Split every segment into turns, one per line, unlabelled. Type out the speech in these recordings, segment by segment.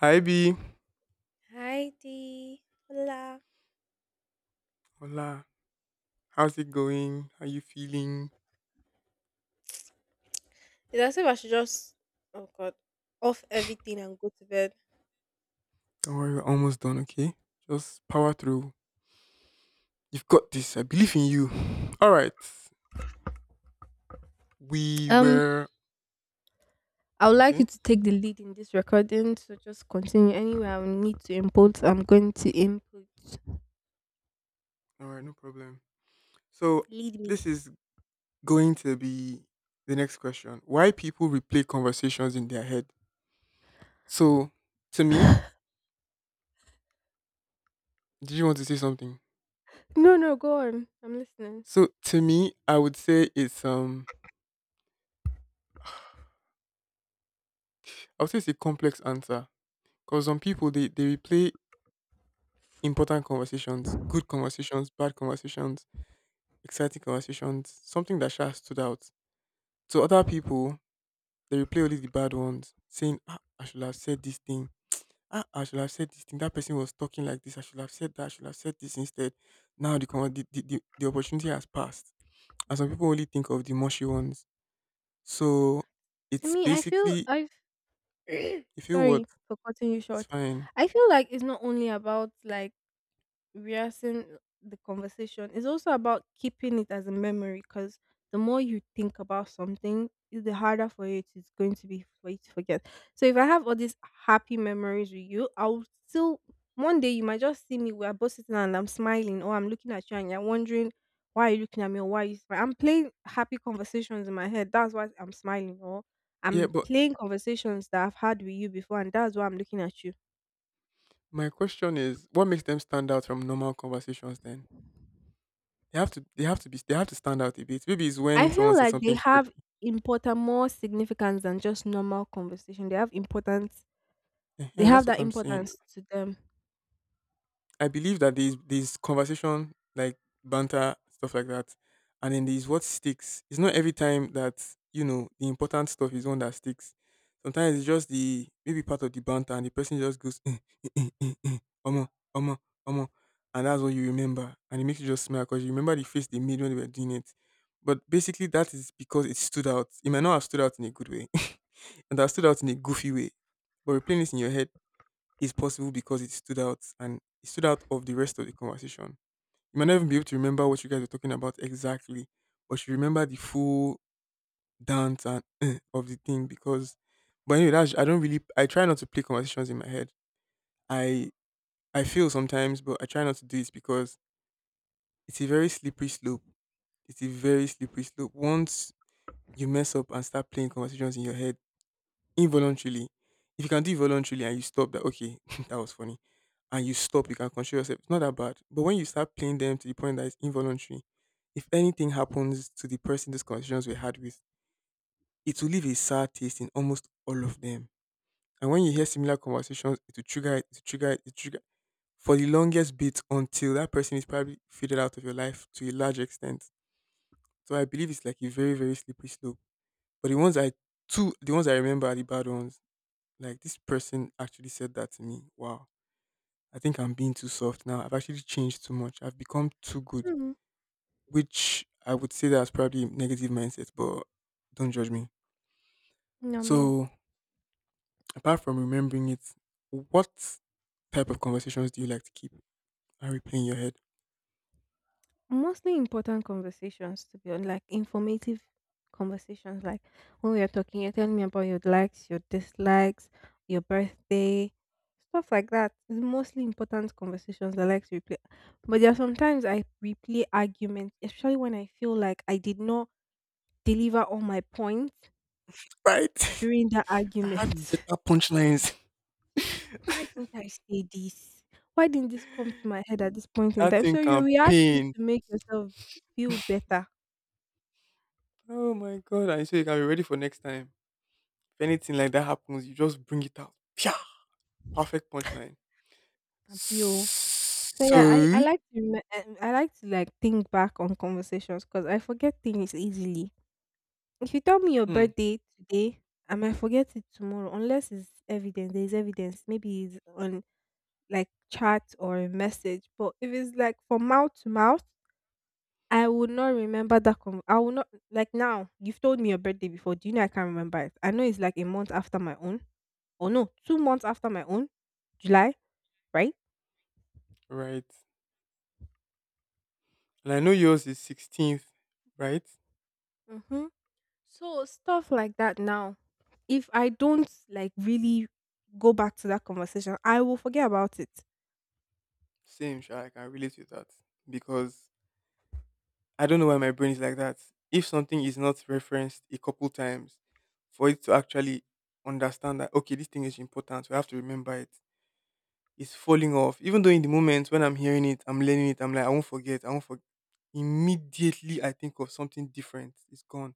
Hi B.
Hi Dee. Hola.
Hola. How's it going? How you feeling?
It's as if I should just, oh God, off everything and go to bed.
Don't worry, we're almost done, okay? Just power through. You've got this. I believe in you. Alright. We
Um,
were
I would like you
okay.
to take the lead in this recording, so just continue. Anyway, I will need to input. I'm going to input.
Alright, no problem. So
Lead me.
this is going to be the next question. Why people replay conversations in their head? So to me, did you want to say something?
No, no, go on. I'm listening.
So to me, I would say it's I would say it's a complex answer. Because some people they replay important conversations, good conversations, bad conversations, exciting conversations, something that Sha stood out. To other people, they replay only the bad ones, saying, ah, I should have said this thing. Ah, I should have said this thing. That person was talking like this. I should have said that. I should have said this instead. Now the conver- the opportunity has passed. And some people only think of the mushy ones. So
I
it's
mean, I feel
basically,
I've
if you what,
sorry for cutting you
it's
short.
fine.
I feel like it's not only about like rehearsing the conversation is also about keeping it as a memory because the more you think about something the harder for you it is going to be for you to forget, so if I have all these happy memories with you, I'll still one day you might just see me, we're both sitting and I'm smiling or I'm looking at you and you're wondering why are you looking at me or why are you smiling? I'm playing happy conversations in my head, that's why I'm smiling, or
Yeah,
I'm
but
playing conversations that I've had with you before, and that's why I'm looking at you.
my question is, what makes them stand out from normal conversations then? They have to be they have to stand out a bit. Maybe it's
I
when someone
feel
says
like they
something
have
quirky.
important, more significance than just normal conversation. They have importance. They
Ehen, that's
have
what
that
I'm saying.
importance to them.
I believe that there's conversation like banter stuff like that, and then there's what sticks. It's not every time that you know the important stuff is one that sticks. Sometimes it's just the maybe part of the banter, and the person just goes, "Eh, eh, eh, eh, eh, Omo, omo, omo," and that's what you remember, and it makes you just smile because you remember the face they made when they were doing it. But basically, that is because it stood out. It might not have stood out in a good way, and that stood out in a goofy way. But replaying this in your head is possible because it stood out and it stood out of the rest of the conversation. You might not even be able to remember what you guys were talking about exactly, but you remember the full dance and eh of the thing because. But anyway, that's I don't really I try not to play conversations in my head. I I feel sometimes, but I try not to do it because it's a very slippery slope. It's a very slippery slope. Once you mess up and start playing conversations in your head involuntarily. If you can do it voluntarily and you stop that, okay, that was funny. And you stop, you can control yourself. It's not that bad. But when you start playing them to the point that it's involuntary, if anything happens to the person these conversations were had with, it will leave a sad taste in almost all of them. And when you
Mm.
hear similar conversations, it will trigger it, it will trigger it, it will trigger for the longest bit until that person is probably faded out of your life to a large extent. So I believe it's like a very, very slippery slope. But the ones I remember are the bad ones. Like this person actually said that to me. Wow, I think I'm being too soft now. I've actually changed too much. I've become too good,
Mm,
which I would say that's probably negative mindset, but don't judge me.
no, no.
So, apart from remembering it, what type of conversations do you like to keep and replay in your head?
Mostly important conversations, to be honest, like informative conversations. Like when we are talking, you're telling me about your likes, your dislikes, your birthday, stuff like that. It's mostly important conversations I like to replay. But there are sometimes I replay arguments, especially when I feel like I did not deliver all my points
Right. If
during that
I had
argument.
better punchlines,
Why didn't I say this? Why didn't this come to my head at this point in
that
time?
thing
So you
can
react is
pain.
to make yourself feel better.
Oh my god! And so you can be ready for next time. If anything like that happens, you just bring it out. Pia! Perfect punchline.
and feel- So yeah, I
So
like to I like to like think back on conversations because I forget things easily. If you tell me your
Hmm.
birthday today, I might forget it tomorrow unless it's evident. There is evidence. Maybe it's on like chat or a message. But if it's like from mouth to mouth, I would not remember that. I will not like now. You've told me your birthday before. Do you know I can't remember it? I know it's like a month after my own, or no, 2 months after my own, July, right?
Right. And I know yours is 16th, right?
Mm-hmm. So stuff like that. Now, if I don't like really go back to that conversation, I will forget about it.
Same, sure, I can relate with that because I don't know why my brain is like that. If something is not referenced a couple times, for it to actually understand that okay, this thing is important, we have to remember it. It's falling off. Even though in the moment when I'm hearing it, I'm learning it, I'm like, I won't forget, I won't forget. Immediately, I think of something different. It's gone.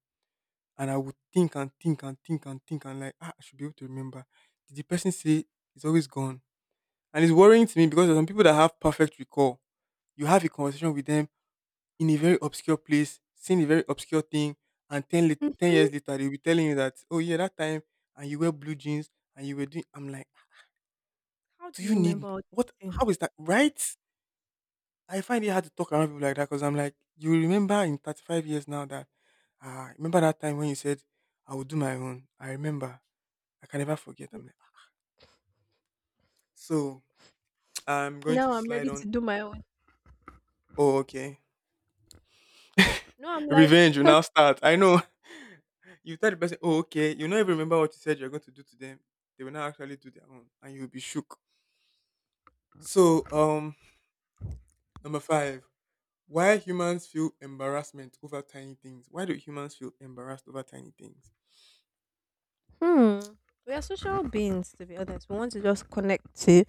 And I would think and think and think and think and like, ah, I should be able to remember. Did the person say it's always gone? And it's worrying to me because there are some people that have perfect recall. You have a conversation with them in a very obscure place, saying a very obscure thing, and 10
Hmm.
years later, they'll be telling you that, oh, yeah, that time, and you wear blue jeans, and you were doing, I'm like,
How
do
do
you
you
need,
remember all this
what,
thing?
how is that, right? I find it hard to talk around people like that because I'm like, you remember in 35 years now that, ah, remember that time when you said, I will do my own. I remember. I can never forget.
N-
I'm like, "Ah." So I'm going to
Now I'm
slide
ready
on.
to do my own.
Oh, okay.
No, I'm like,
Revenge will now start. I know. You tell the person, oh, okay. You not even remember what you said you're going to do to them. They will now actually do their own, and you'll be shook. So, number 5. Why humans feel embarrassment over tiny things? Why do humans feel embarrassed over tiny things?
hmm. We are social beings, to be honest. We want to just connect to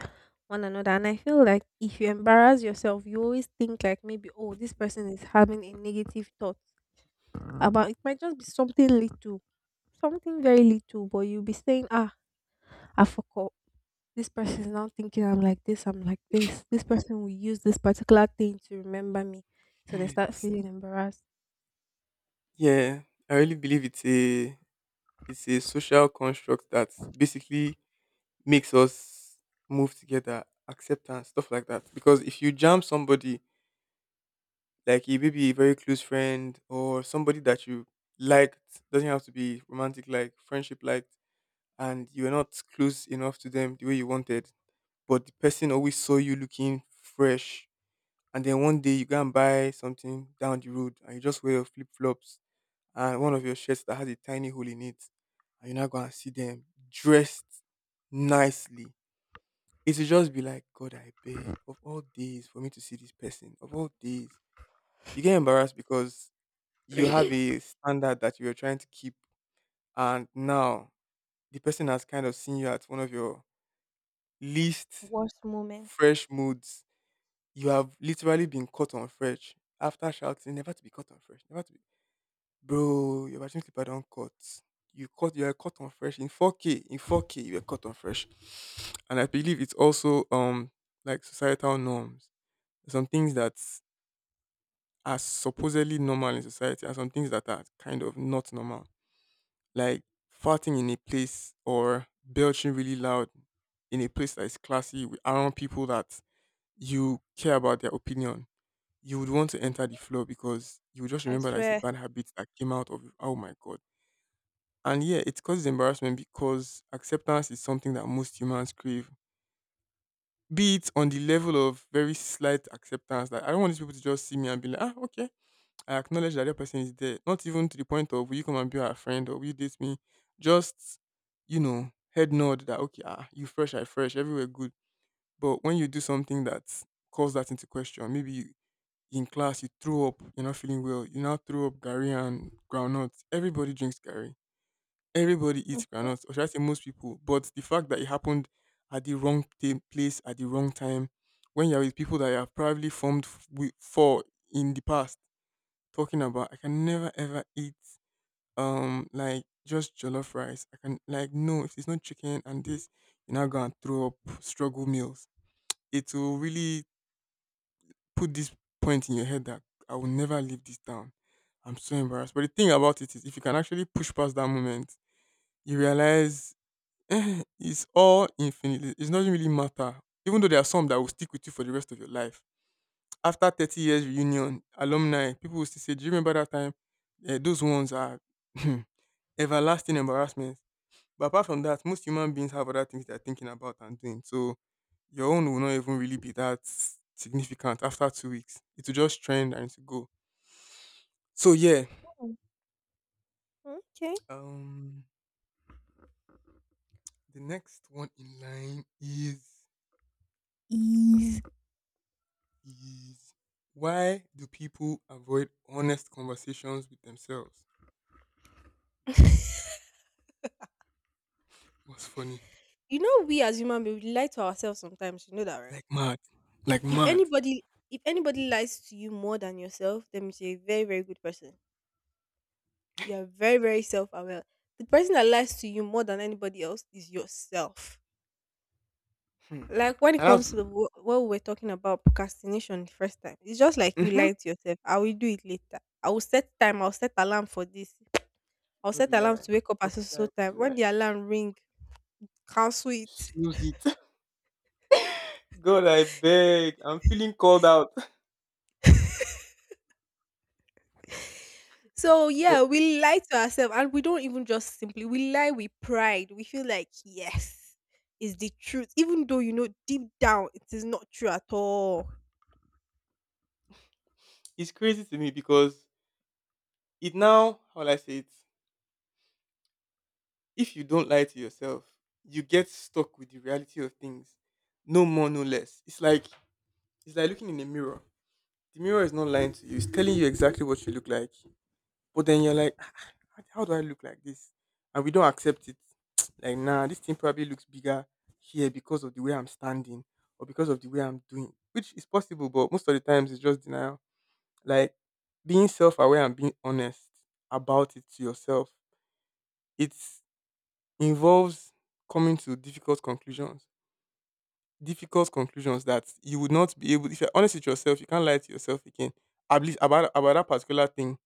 one another. And I feel like if you embarrass yourself, you always think like maybe, oh, this person is having a negative thought about it. Might just be something little, something very little, but you'll be saying, ah, I forgot. This person is now thinking I'm like this, I'm like this. This person will use this particular thing to remember me. So they start
S-
feeling embarrassed.
Yeah, I really believe it's a social construct that basically makes us move together, acceptance, stuff like that. Because if you jam somebody, like a maybe a very close friend or somebody that you liked, doesn't have to be romantic like friendship liked, and you're not close enough to them the way you wanted, but the person always saw you looking fresh, and then one day you go and buy something down the road, and you just wear your flip flops and one of your shirts that has a tiny hole in it, and you now go and see them dressed nicely. It will just be like, "God, I beg of all days for me to see this person, of all days." You get embarrassed because you have a standard that you're trying to keep, and now the person has kind of seen you at one of your least
Worst moment.
fresh moods. You have literally been caught on fresh after shouting, "Never to be caught on fresh, never to be." Bro, your bathroom slipper don cut. You caught, you are caught on fresh in 4K. In 4K, you were caught on fresh, and I believe it's also like societal norms. Some things that are supposedly normal in society and some things that are kind of not normal. Like farting in a place or belching really loud in a place that is classy with around people that you care about their opinion. You would want to
Mm,
enter the floor because you would just
I
remember that it's a
swear.
bad habit that came out of oh my god. And yeah, it causes embarrassment because acceptance is something that most humans crave. Be it on the level of very slight acceptance, like I don't want these people to just see me and be like, ah, okay, I acknowledge that the person is there. Not even to the point of will you come and be our friend or will you date me? Just, you know, head nod that okay, ah, you fresh, I fresh, everywhere good. But when you do something that calls that into question, maybe you, in class you threw up, you're not feeling well, you now threw up Gary and groundnuts. Everybody drinks Gary. Everybody eats
Mhm.
groundnuts, or should I say most people. But the fact that it happened at the wrong place at the wrong time, when you're with people that you have probably formed with, for in the past talking about. I can never ever eat like just jollof rice. I can like no, if it's not chicken and this, you're not gonna throw up struggle meals. It will really put this point in your head that I will never live this down. I'm so embarrassed. But the thing about it is if you can actually push past that moment, you realize eh, it's all infinite. It doesn't really matter. Even though there are some that will stick with you for the rest of your life after 30 years reunion, alumni, people will still say, do you remember that time? Eh, those ones are everlasting embarrassments. But apart from that, most human beings have other things they're thinking about and doing. So your own will not even really be that significant after 2 weeks. It will just trend and it will go. So yeah.
Okay.
Um the next one in line is
Is.
is why do people avoid honest conversations with themselves? What's funny?
You know, we as human beings we lie to ourselves sometimes. You know that, right?
Like mad. Like
If
mad.
anybody, if anybody lies to you more than yourself, then you're a very, very good person. You are very, very self-aware. The person that lies to you more than anybody else is yourself.
Hmm.
Like when it
And that's
comes to the, what we were talking about procrastination the first time, it's just like you
Mm-hmm.
lied to yourself. I will do it later. I will set time. I'll set alarm for this. I'll
No be
set alarm
lie.
to wake up
No
at so
be
so so
lie. No be
time. When
lie.
the alarm ring, cancel it.
Snooze it. God, I beg. I'm feeling called out.
So
But
yeah, we lie to ourselves and we don't even just simply we lie with pride. We feel like yes is the truth, even though you know deep down it is not true at all.
it's crazy to me because it now, how will I say it? If you don't lie to yourself, you get stuck with the reality of things. No more, no less. It's like looking in a mirror. The mirror is not lying to you. It's telling you exactly what you look like. But then you're like, "Ah, how do I look like this?" And we don't accept it. Like, nah, this thing probably looks bigger here because of the way I'm standing or because of the way I'm doing, which is possible, but most of the times it's just denial. Like, being self aware and being honest about it to yourself, it involves coming to difficult conclusions. Difficult conclusions that you would not be able, if you're honest with yourself, you can't lie to yourself again, at least about that particular thing.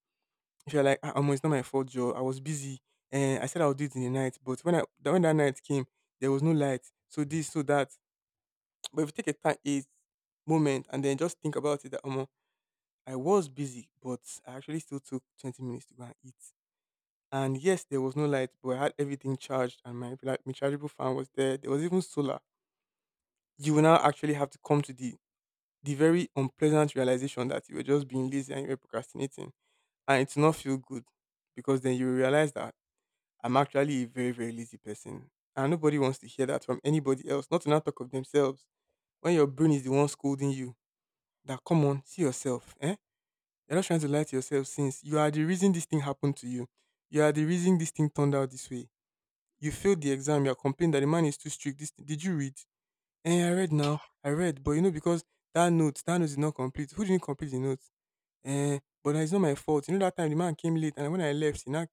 If you're like, "Ah, omo, it's not my fault, Joe. I was busy, and I said I'll do it in the night, but when that night came, there was no light. So this, so that." But if you take a moment and then just think about it, that omo, I was busy, but I actually still took 20 minutes to go and eat. And yes, there was no light, but I had everything charged, and my rechargeable fan was there. There was even solar. You will now actually have to come to the very unpleasant realization that you were just being lazy and you were procrastinating, and it's not feel good because then you realize that I'm actually a very, very lazy person. And nobody wants to hear that from anybody else, not to not talk of themselves. When your brain is the one scolding you, that come on, see yourself. Eh? You're not trying to lie to yourself since you are the reason this thing happened to you. You are the reason this thing turned out this way. You failed the exam, you're complaining that the man is too strict. This, did you read? Eh, I read now. I read. But you know, because that note is not complete. Who didn't complete the note? Eh, but it's not my fault. You know, that time the man came late and when I left, he now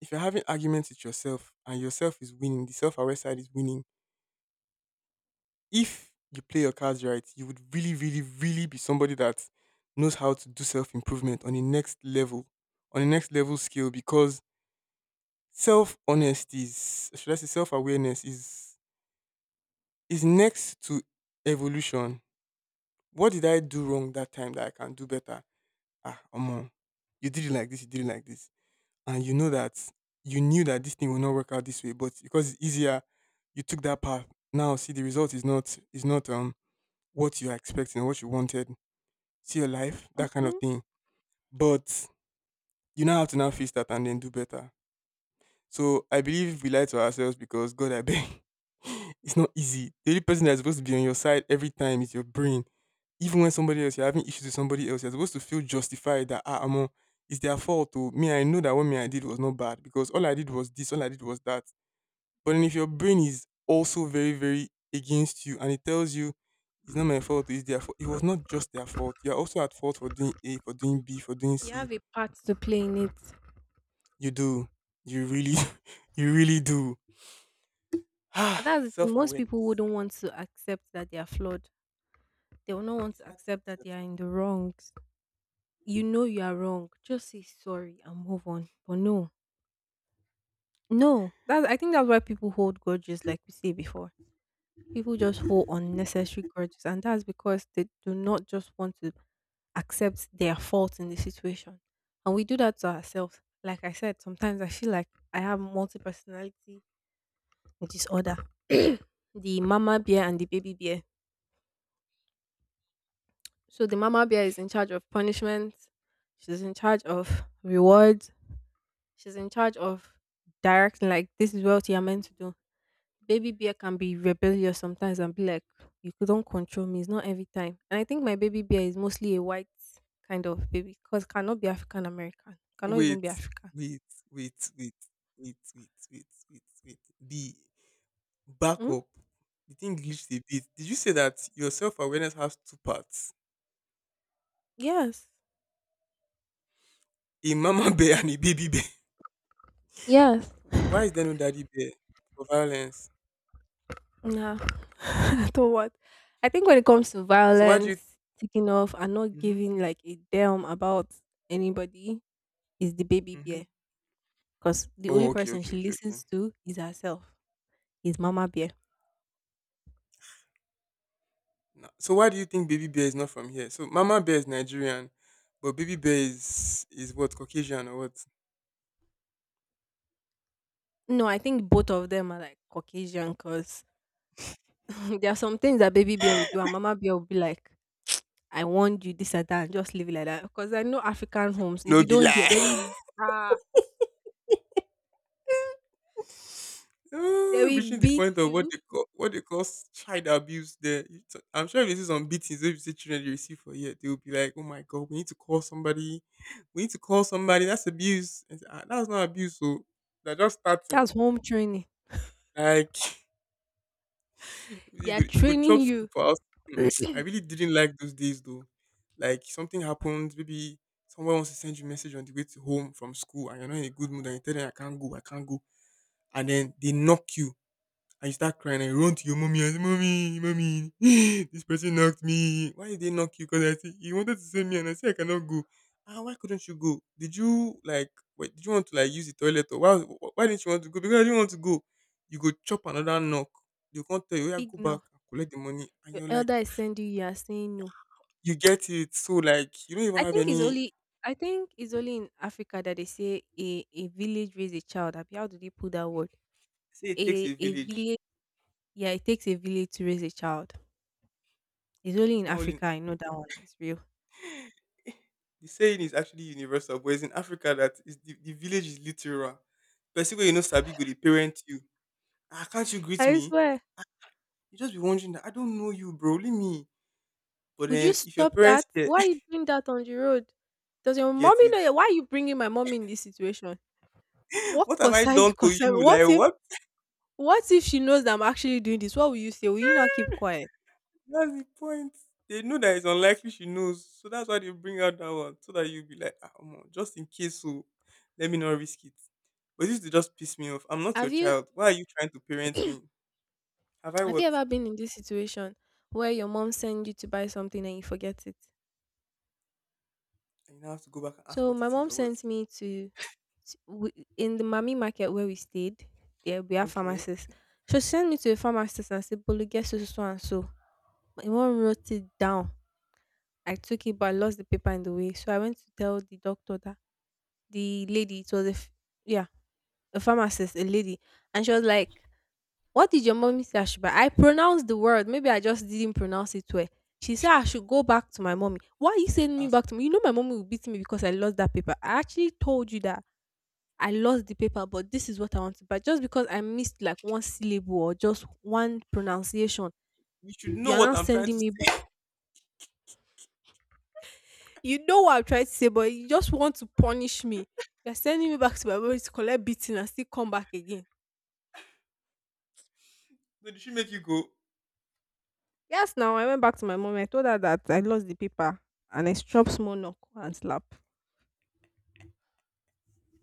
if you're having arguments with yourself and yourself is winning, the self aware side is winning, if you play your cards right, you would really, really, really be somebody that knows how to do self improvement on the next level, on the next level scale because self honesty is, should I say, self awareness is next to evolution. What did I do wrong that time that I can do better? Ah, omo, you did it like this and you knew that this thing will not work out this way, but because it's easier, you took that path. Now see, the result is not what you are expecting or what you wanted. See your life, that kind of
Hmm.
thing. But you now have to now face that and then do better. So I believe we lie to ourselves because God I beg. It's not easy. The only person that's supposed to be on your side every time is your brain. Even when somebody else you're having issues with somebody else, you're supposed to feel justified that ah, amo, it's their fault. Oh, me, I know that what me I did was not bad because all I did was this, all I did was that. But then if your brain is also very, very against you and it tells you it's not my fault, it's their fault. It was not just their fault. You're also at fault for doing A, for doing B, for doing
You
C.
have a part to play in it.
You do. You really, you really do.
But
Ah,
that's the thing,
self
most people
awareness.
wouldn't want to accept that they are flawed. They will not want
It's
to
hard to
accept that they
accept
are in
now.
the wrongs. You know you are wrong. Just say sorry and move on. But no, no. That I think that's why people hold grudges, like we said before. People just hold unnecessary grudges, and that's because they do not just want to accept their fault in the situation. And we do that to ourselves. Like I said, sometimes I feel like I have multi personality disorder. The mama bear and the baby bear. So the mama bear is in charge of punishment. She's in charge of rewards. She's in charge of directing like this is what you're meant to do. Baby bear can be rebellious sometimes and be like, you don't control me. It's not every time. And I think my baby bear is mostly a white kind of baby because cannot be African American. Cannot
Wait,
even be African.
wait, wait, wait, wait, wait, wait, wait, wait. The
Mm?
backup, the thing glitched a bit. Did you say that your self awareness has two parts?
Yes.
A mama bear and a baby bear.
Yes.
Why is there no daddy bear for violence?
Nah. I don't want. I think when it
Okay.
comes to
So why do you?
violence, taking off and not
Mm-hmm.
giving like a damn about anybody is the baby
Mm-hmm.
bear, because the only
Oh, okay,
person
okay,
she
okay, okay.
listens to is herself, is Mama Bear.
Nah. So why do you think baby bear is not from here? So mama bear is Nigerian, but baby bear is what, Caucasian or what?
No, I think both of them are like Caucasian because there are some things that baby bear will do, and mama bear will be like, I want you this and that, and just leave it like that. Because I know African homes, if
No
you
be
don't hear, they
lie.
will, ah, they
Ah, reaching
will
the
beat
point of what
you.
they call s- child abuse. There, you t- I'm sure if this is on beatings, if you see children they receive for year, they will be like, "Oh my god, we need to call somebody. We need to call somebody. That's abuse." And say, ah, that's not abuse. So they're just starting.
That's home training.
Like,
They are
you could
training
chop school
you.
for us. Hmm, I really didn't like those days though. Like something happened, maybe someone wants to send you a message on the way to home from school, and you're not in a good mood, and you tell them I can't go, and then they knock you and you start crying and you run to your mommy and say, "Mommy, mommy, this person knocked me." "Why did they knock you?" "Because I said he wanted to send me and I said I cannot go." "Ah, why couldn't you go? Did you did you want to like use the toilet or why didn't you want to go?" "Because I didn't want to go." You go chop another knock. You can't tell you, "Oh, yeah, go back
Ignore.
and collect the money." And
Your
you're like,
elder
"Ah,
is sending you, you are saying no.
you get it." So like you don't even
I
have
think it's
any,
only I think it's only in Africa that they say a village raise a child. Abi, how do they put that word?
say it takes a
A
village.
village Yeah, it takes a village to raise a child. It's only
It's
in
not only
Africa, I know that one is real.
the saying is actually universal, but it's in Africa that is the village is literal. Person where you know sabi go they parent you. Ah, can't you greet
I
me?
swear.
You just be wondering that I don't know you, bro. Leave me. But
Would you
then if your
stop
parents
that?
get
Why are you doing that on the road? Does your
get
mommy
it,
know? Why are you bringing my mommy in this situation? What
what have I
concern?
done to
Concern?
you?
What
Like
if?
what?
What if she knows that I'm actually doing this? What will you say? Will you not keep quiet?
That's the point. They know that it's unlikely she knows, so that's why they bring out that one so that you'll be like, ah, omo, just in case, so let me not risk it. But this to just piss me off. I'm not your
Have you
child. Why are you trying to parent me? Have I
Have
what?
you ever been in this situation where your mom sent you to buy something and you forget it?
And you now have to go back and ask
So
what
my
it is
mom
or what.
sent me to, to in the mommy market where we stayed. There we have
Okay.
pharmacists. She sent me to a pharmacist and said, "Bolu, get so so so and so." My mom wrote it down. I took it, but I lost the paper in the way. So I went to tell the doctor that the lady, it was yeah, a pharmacist, a lady, and she was like, "What did your mommy say I should buy?" I pronounced the word. Maybe I just didn't pronounce it well. She said I should go back to my mommy. Why are you sending me
Ask.
back to me? You know my mommy will beat me because I lost that paper. I actually told you that I lost the paper, but this is what I want to buy. Just because I missed like one syllable or just one pronunciation,
You should
you
know
are
what
now
I'm trying to
sending me.
say.
You know what I'm trying to say, but you just want to punish me. You're sending me back to my mom to collect beating and still come back again.
So did she make you go?
Yes, now I went back to my mom. I told her that I lost the paper and I struck small knock and slap.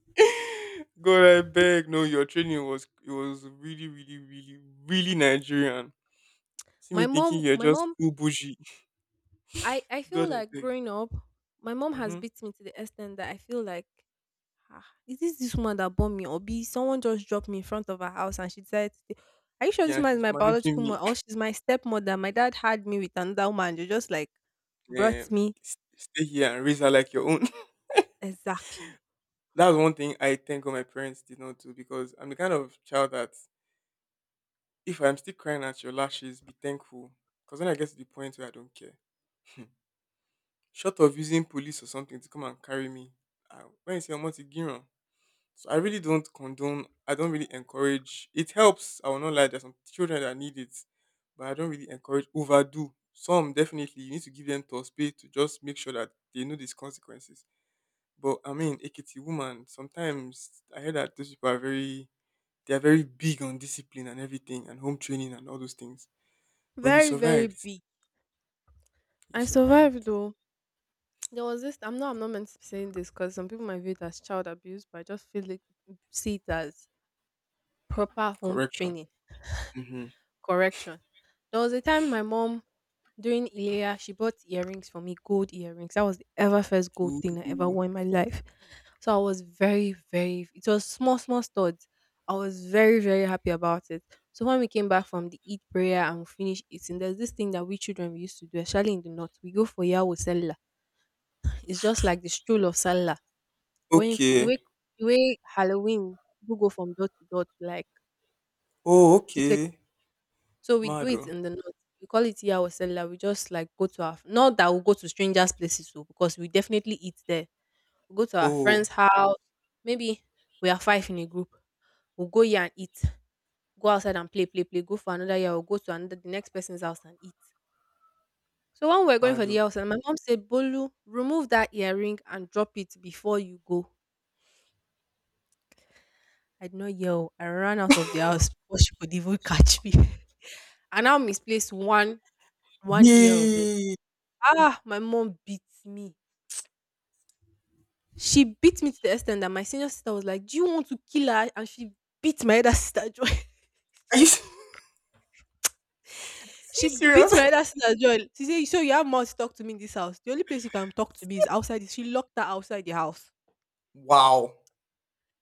God, I beg. No, your training was, it was really, really, really, really Nigerian. See me
My
thinking
mom,
you're
my
just
mom,
full bougie.
I, I feel
God, I
like
beg.
growing up, my mom has
Mm-hmm.
beat me to the extent that I feel like ah, is this this woman that bought me, or B, someone just dropped me in front of her house and she decided to stay? Are you sure this
Yeah, and
woman is
she's
my
managing
biological
me.
mother or she's my stepmother? My dad had me with another woman. They just like
Yeah,
brought me
s- stay here and raise her like your own.
exactly.
That's one thing I thank God my parents did not do because I'm the kind of child that if I'm still crying at your lashes, be thankful. Because when I get to the point where I don't care. Short of using police or something to come and carry me, I, when you say I'm to Giron, so I really don't condone. I don't really encourage. It helps. I will not lie. There's some children that need it, but I don't really encourage overdo. Some definitely you need to give them to space to just make sure that they know these consequences. But I mean, Ekiti woman. Sometimes I hear that those people are very. They are very big on discipline and everything, and home training and all those things. But you
Very, very
survived.
big.
You
I survived
survived.
though. There was this. I'm not meant to be saying this because some people might view it as child abuse, but I just feel it, see it as proper home
Correction.
training.
Mm-hmm.
Correction. There was a time my mom during Ilea, she bought earrings for me, gold earrings. That was the ever first gold thing I ever
Ooh.
wore in my life. So I was very, very it was small, small studs. I was very, very happy about it. So when we came back from the Eid prayer and we finished eating, there's this thing that we children we used to do, especially in the north. We go for Yahweh Sella. It's just like the stroll of Sella. Going f the way
Okay.
the way Halloween people go from door to door to like
Oh,
take.
okay.
So we do it
Mado.
in the north. We call it iya osela. We just like go to our not that we go to strangers' places so because we definitely eat there. We go to our friends'
Oh,
house. Maybe we are five in a group. We'll go here and eat. Go outside and play, play, play. Go for another year. We'll go to another the next person's house and eat. So when we're going for
mado.
the house, and my mom said, "Bolu, remove that earring and drop it before you go." I did not yell. I ran out of the house before she could even catch me. I now misplaced one ear of it.
Yay!
Ah, my mom beat me. She beat me to the extent that my senior sister was like, "Do you want to kill her?" And she beat my elder sister Joy.
Are you are you
She beat
serious?
my elder sister Joy. She said, "So you have mouth to talk to me in this house. The only place you can talk to me is outside." She locked her outside the house.
Wow.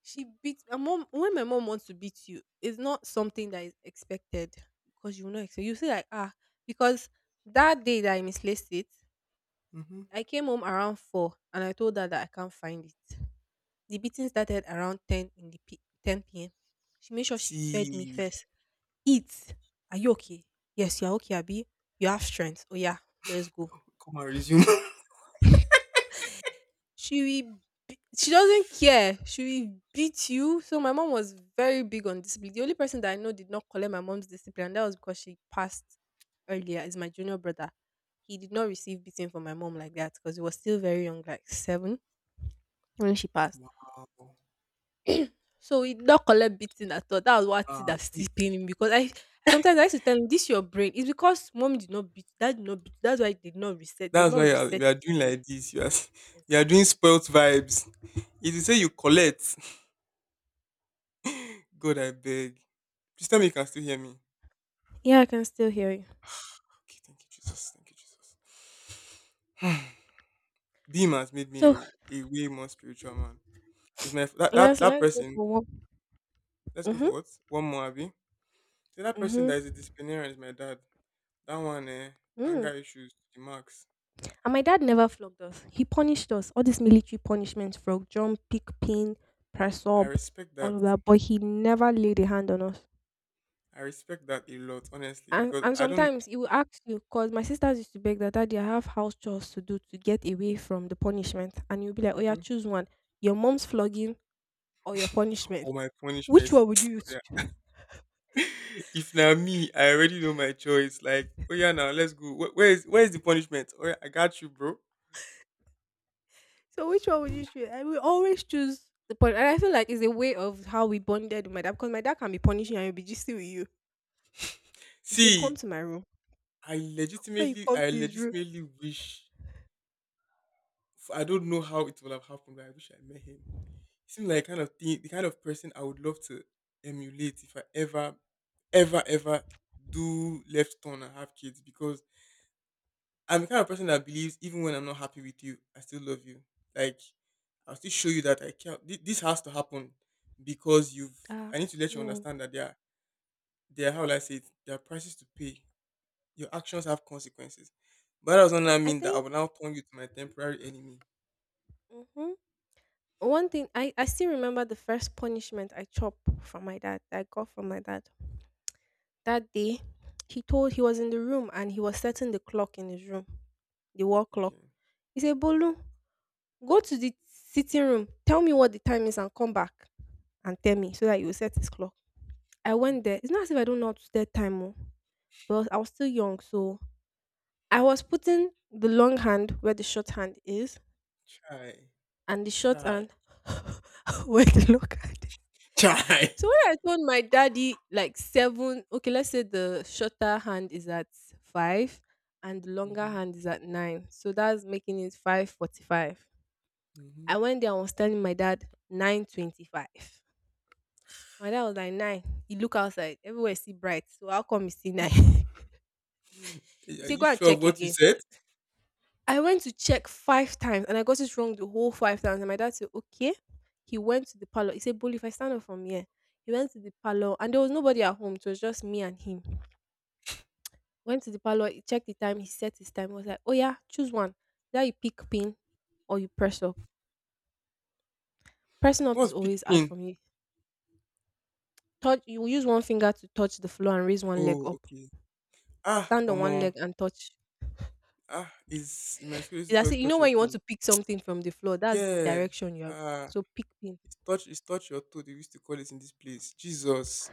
She beat my mom. When my mom wants to beat you, it's not something that is expected because you will not expect. You say like, ah, because that day that I misplaced it,
Mhm.
I came home around 4 and I told her that I can't find it. The beating started around 10 in the p- 10 p.m. She made sure she fed me
See,
first. Eat. Are you okay? Yes, you're okay, Abby. You have strength. Oh yeah, let's go.
come and resume.
She will be- she doesn't care. She will beat you. So my mom was very big on discipline. The only person that I know did not collect my mom's discipline, and that was because she passed earlier, is my junior brother. He did not receive beating from my mom like that because he was still very young, like 7 when she passed.
Wow.
So it not collect beating at all. That was what thing
Ah,
that's
you-
still paining him because I sometimes I used to tell him this your brain. It's because mommy did not beat, dad did not beat. That's why they did not reset. They did
that's why
not reset
you are
it
doing
for you.
like this. You are s- you are doing
Exactly.
spoilt vibes. If you say you collect, God, I beg. Please tell me you can still hear me.
Yeah, I can still hear you.
Okay, thank you, Jesus. Thank you, Jesus. Beam has made
So
me a way more spiritual man. Is my that, that
let's
that
let's go
person?
for one.
Let's go
Mhm.
for what? One more, Abby. The other person
Mhm.
that is a disciplinarian is my dad. That one, eh,
Mm.
anger issues to the max.
And my dad never flogged us. He punished us. All these military punishments, frog jump, pick pin, press
I
up,
respect
all
that.
of that. But he never laid a hand on us.
I respect that a lot, honestly,
And
because
and
I don't.
sometimes he will ask you, cause my sisters used to beg that daddy, I have house chores to do to get away from the punishment. And you'll be like, "Oh yeah,
Mhm.
choose one. Your mom's flogging or your punishment.
Oh my punishment.
Which
Is-
one would you
yeah.
choose?"
If now me, I already know my choice. Like, oh yeah, now let's go. Wh- where is the punishment? Oh yeah, I got you, bro.
So which one would you choose? I will always choose the point. And I feel like it's a way of how we bonded with my dad because my dad can be punishing you and he'll be gisting with you. You say, "Come
See,
to my room." When you come
I
to his room.
legitimately wish. I don't know how it would have happened, but I wish I met him. Seems like kind of thing, the kind of person I would love to emulate if I ever, ever, ever do left turn and have kids, because I'm the kind of person that believes even when I'm not happy with you, I still love you. Like, I'll still show you that I can't. This has to happen because you've...
Ah,
I need to let you
no.
understand that there are, there are, how will I say it? There are prices to pay. Your actions have consequences. But that does not
I
mean that I
think
will now turn you to my temporary enemy.
hmm one thing I still remember the first punishment I chopped from my dad that I got from my dad. That day, he was in the room and he was setting the clock in his room, the wall clock.
Okay.
He said, "Bolu, go to the sitting room, tell me what the time is and come back and tell me so that you will set his clock." I
Mm.
went there. It's not as if I don't know how to set time, oh, but I was still young, so I was putting the long hand where the short hand is
Try,
and the short
try,
hand where the long hand is.
try.
So when I told my daddy like seven, okay, let's say the shorter hand is at five and the longer
Hmm.
hand is at nine. So that's making it 5:45.
Hmm.
I went there and was telling my dad 9:25. My dad was like nine. He look outside. Everywhere see bright. So how come you see nine? He
Are
said,
you
"Go and
sure of
check
what you
again."
said?
I went to check five times and I got it wrong the whole five times. And my dad said, "Okay." He went to the parlor. He said, "Bully, if I stand up from here," he went to the parlor and there was nobody at home. It was just me and him. Went to the parlor, he checked the time, he set his time. He was like, "Oh yeah, choose one. Either you pick pin or you press up." Pressing up is
What's
always hard
pigpen?
for me. Touch you will use one finger to touch the floor and raise one leg
Oh,
up.
okay. Ah,
Stand on
omo.
one leg and touch.
Ah, is in my school used to
It's
call
as
it
if you know
touch your
when you want
toe.
to pick something from the floor, that's the
Yeah.
direction you're
Ah,
so pick pin.
it's touch, it's touch your toe. They used to call it in this place. Jesus,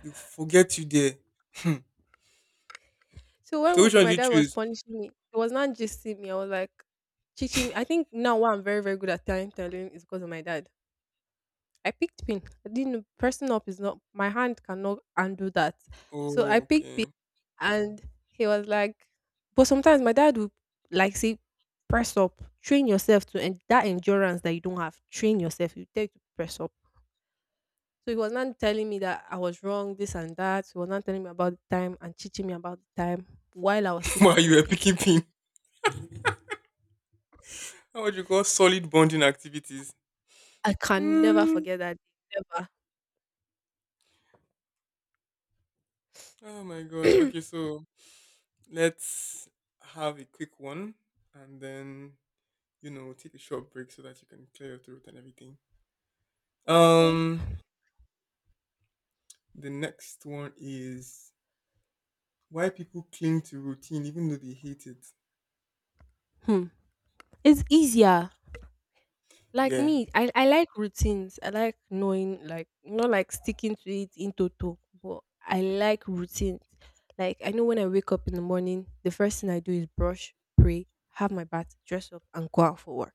you forget you there. Hmm. So
So
which
when
one do
my
you
dad was
choose?
punishing me, it was not just seeing me. I was like teaching me. I think now why I'm very, very good at time telling is because of my dad. I picked pin. I didn't pressing up is not my hand cannot undo that. So
Oh,
I picked pin.
okay.
And he was like, but sometimes my dad would like say, "press up, train yourself to" and that endurance that you don't have, train yourself. You take to press up. So he was not telling me that I was wrong, this and that. He was not telling me about the time and teaching me about the time while I was still
Wow, you
picking
were
pin.
picking pin. How would you call solid bonding activities?
I can never
Hmm.
forget that day. Never.
Oh my god. Okay, so let's have a quick one, and then take a short break so that you can clear your throat and everything.
Okay.
Um, the next one is why people cling to routine even though they hate it.
Hmm. It's easier like
Yeah.
me, I like routines. I like knowing, like, not like sticking to it in toto, but I like routines. Like, I know when I wake up in the morning, the first thing I do is brush, pray, have my bath, dress up, and go out for work.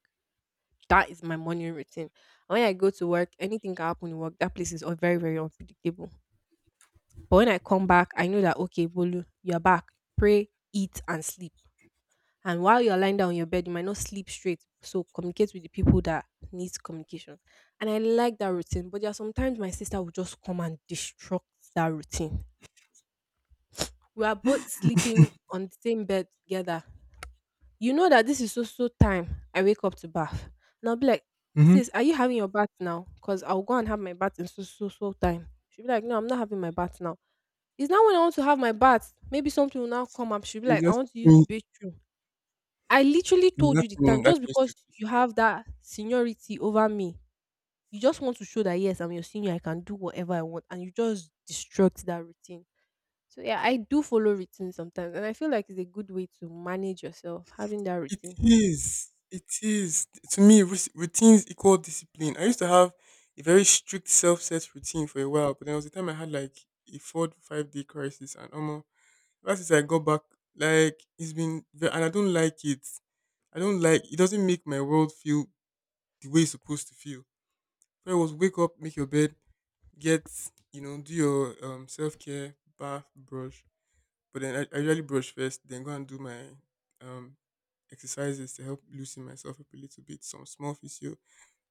That is my morning routine. And when I go to work, anything can happen in work. That place is all very, very unpredictable. But when I come back, I know that, okay, Bolu, you're back. Pray, eat, and sleep. And while you're lying down on your bed, you might not sleep straight. So communicate with the people that needs communication. And I like that routine. But there are sometimes my sister will just come and destruct that routine. We are both sleeping on the same bed together. You know that this is so so time I wake up to bath. And I'll be like,
Mm-hmm.
"sis, are you having your bath now? Because I'll go and have my bath in so so so time." She'll be like, "No, I'm not having my bath now. It's now when I want to have my bath." Maybe something will now come up. She'll be
You
like, "I
just
want to use the
think
bathroom." I literally told
that
you the time
thing that
just
used to
because
piss
you
me off.
have that seniority over me, you just want to show that yes, I'm your senior, I can do whatever I want, and you just destruct that routine. So yeah, I do follow routine sometimes, and I feel like it's a good way to manage yourself having that
It
routine.
is. It is to me. Routines equal discipline. I used to have a very strict self-set routine for a while, but there was a time I had like a 4 to 5 day crisis, and almost ever since I got back, like it's been, and I don't like it. I don't like. It doesn't make my world feel the way it's supposed to feel. Prayer was wake up, make your bed, get, you know, do your self care, bath, brush. But then I usually brush first, then go and do my um, exercises to help loosen myself up a little bit, some small physio.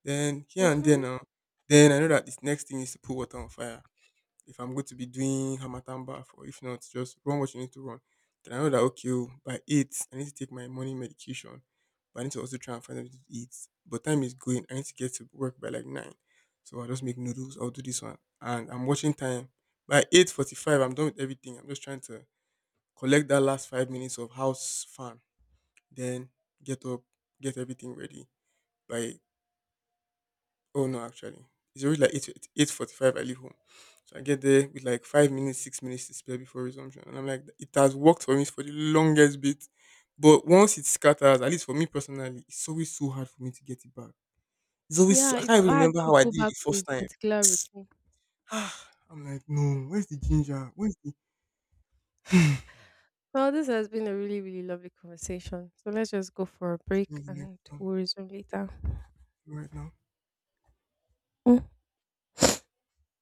Then here and there
Mm-hmm.
now, then I know that this next thing is to put water on fire if I'm going to be doing Hamatan bath, or if not, just run what you need to run. Then I know that, okay, oh, by 8, I need to take my morning medication. But I need to also try and find something to eat. But time is going, I need to get to work by like 9. So I'll just make noodles, I'll do this one. And I'm watching time. By 8:45 I'm done with everything. I'm just trying to collect that last 5 minutes of house fun. Then get up, get everything ready. By... Oh no, actually, it's always like eight forty five. I leave home, so I get there with like 5 minutes, 6 minutes to spare before resumption, and I'm like, it has worked for me for the longest bit, but once it scatters, at least for me personally, it's always so hard for me to get it back. It's always so,
Yeah,
I can't
it's
even
hard
remember
to
how I
go
did it
back
the
to a
first time.
particular routine.
I'm like, no, where's the ginger? Where's the
Well, this has been a really, really lovely conversation. So let's just go for a break
ginger next
and
one
we'll resume later.
right now?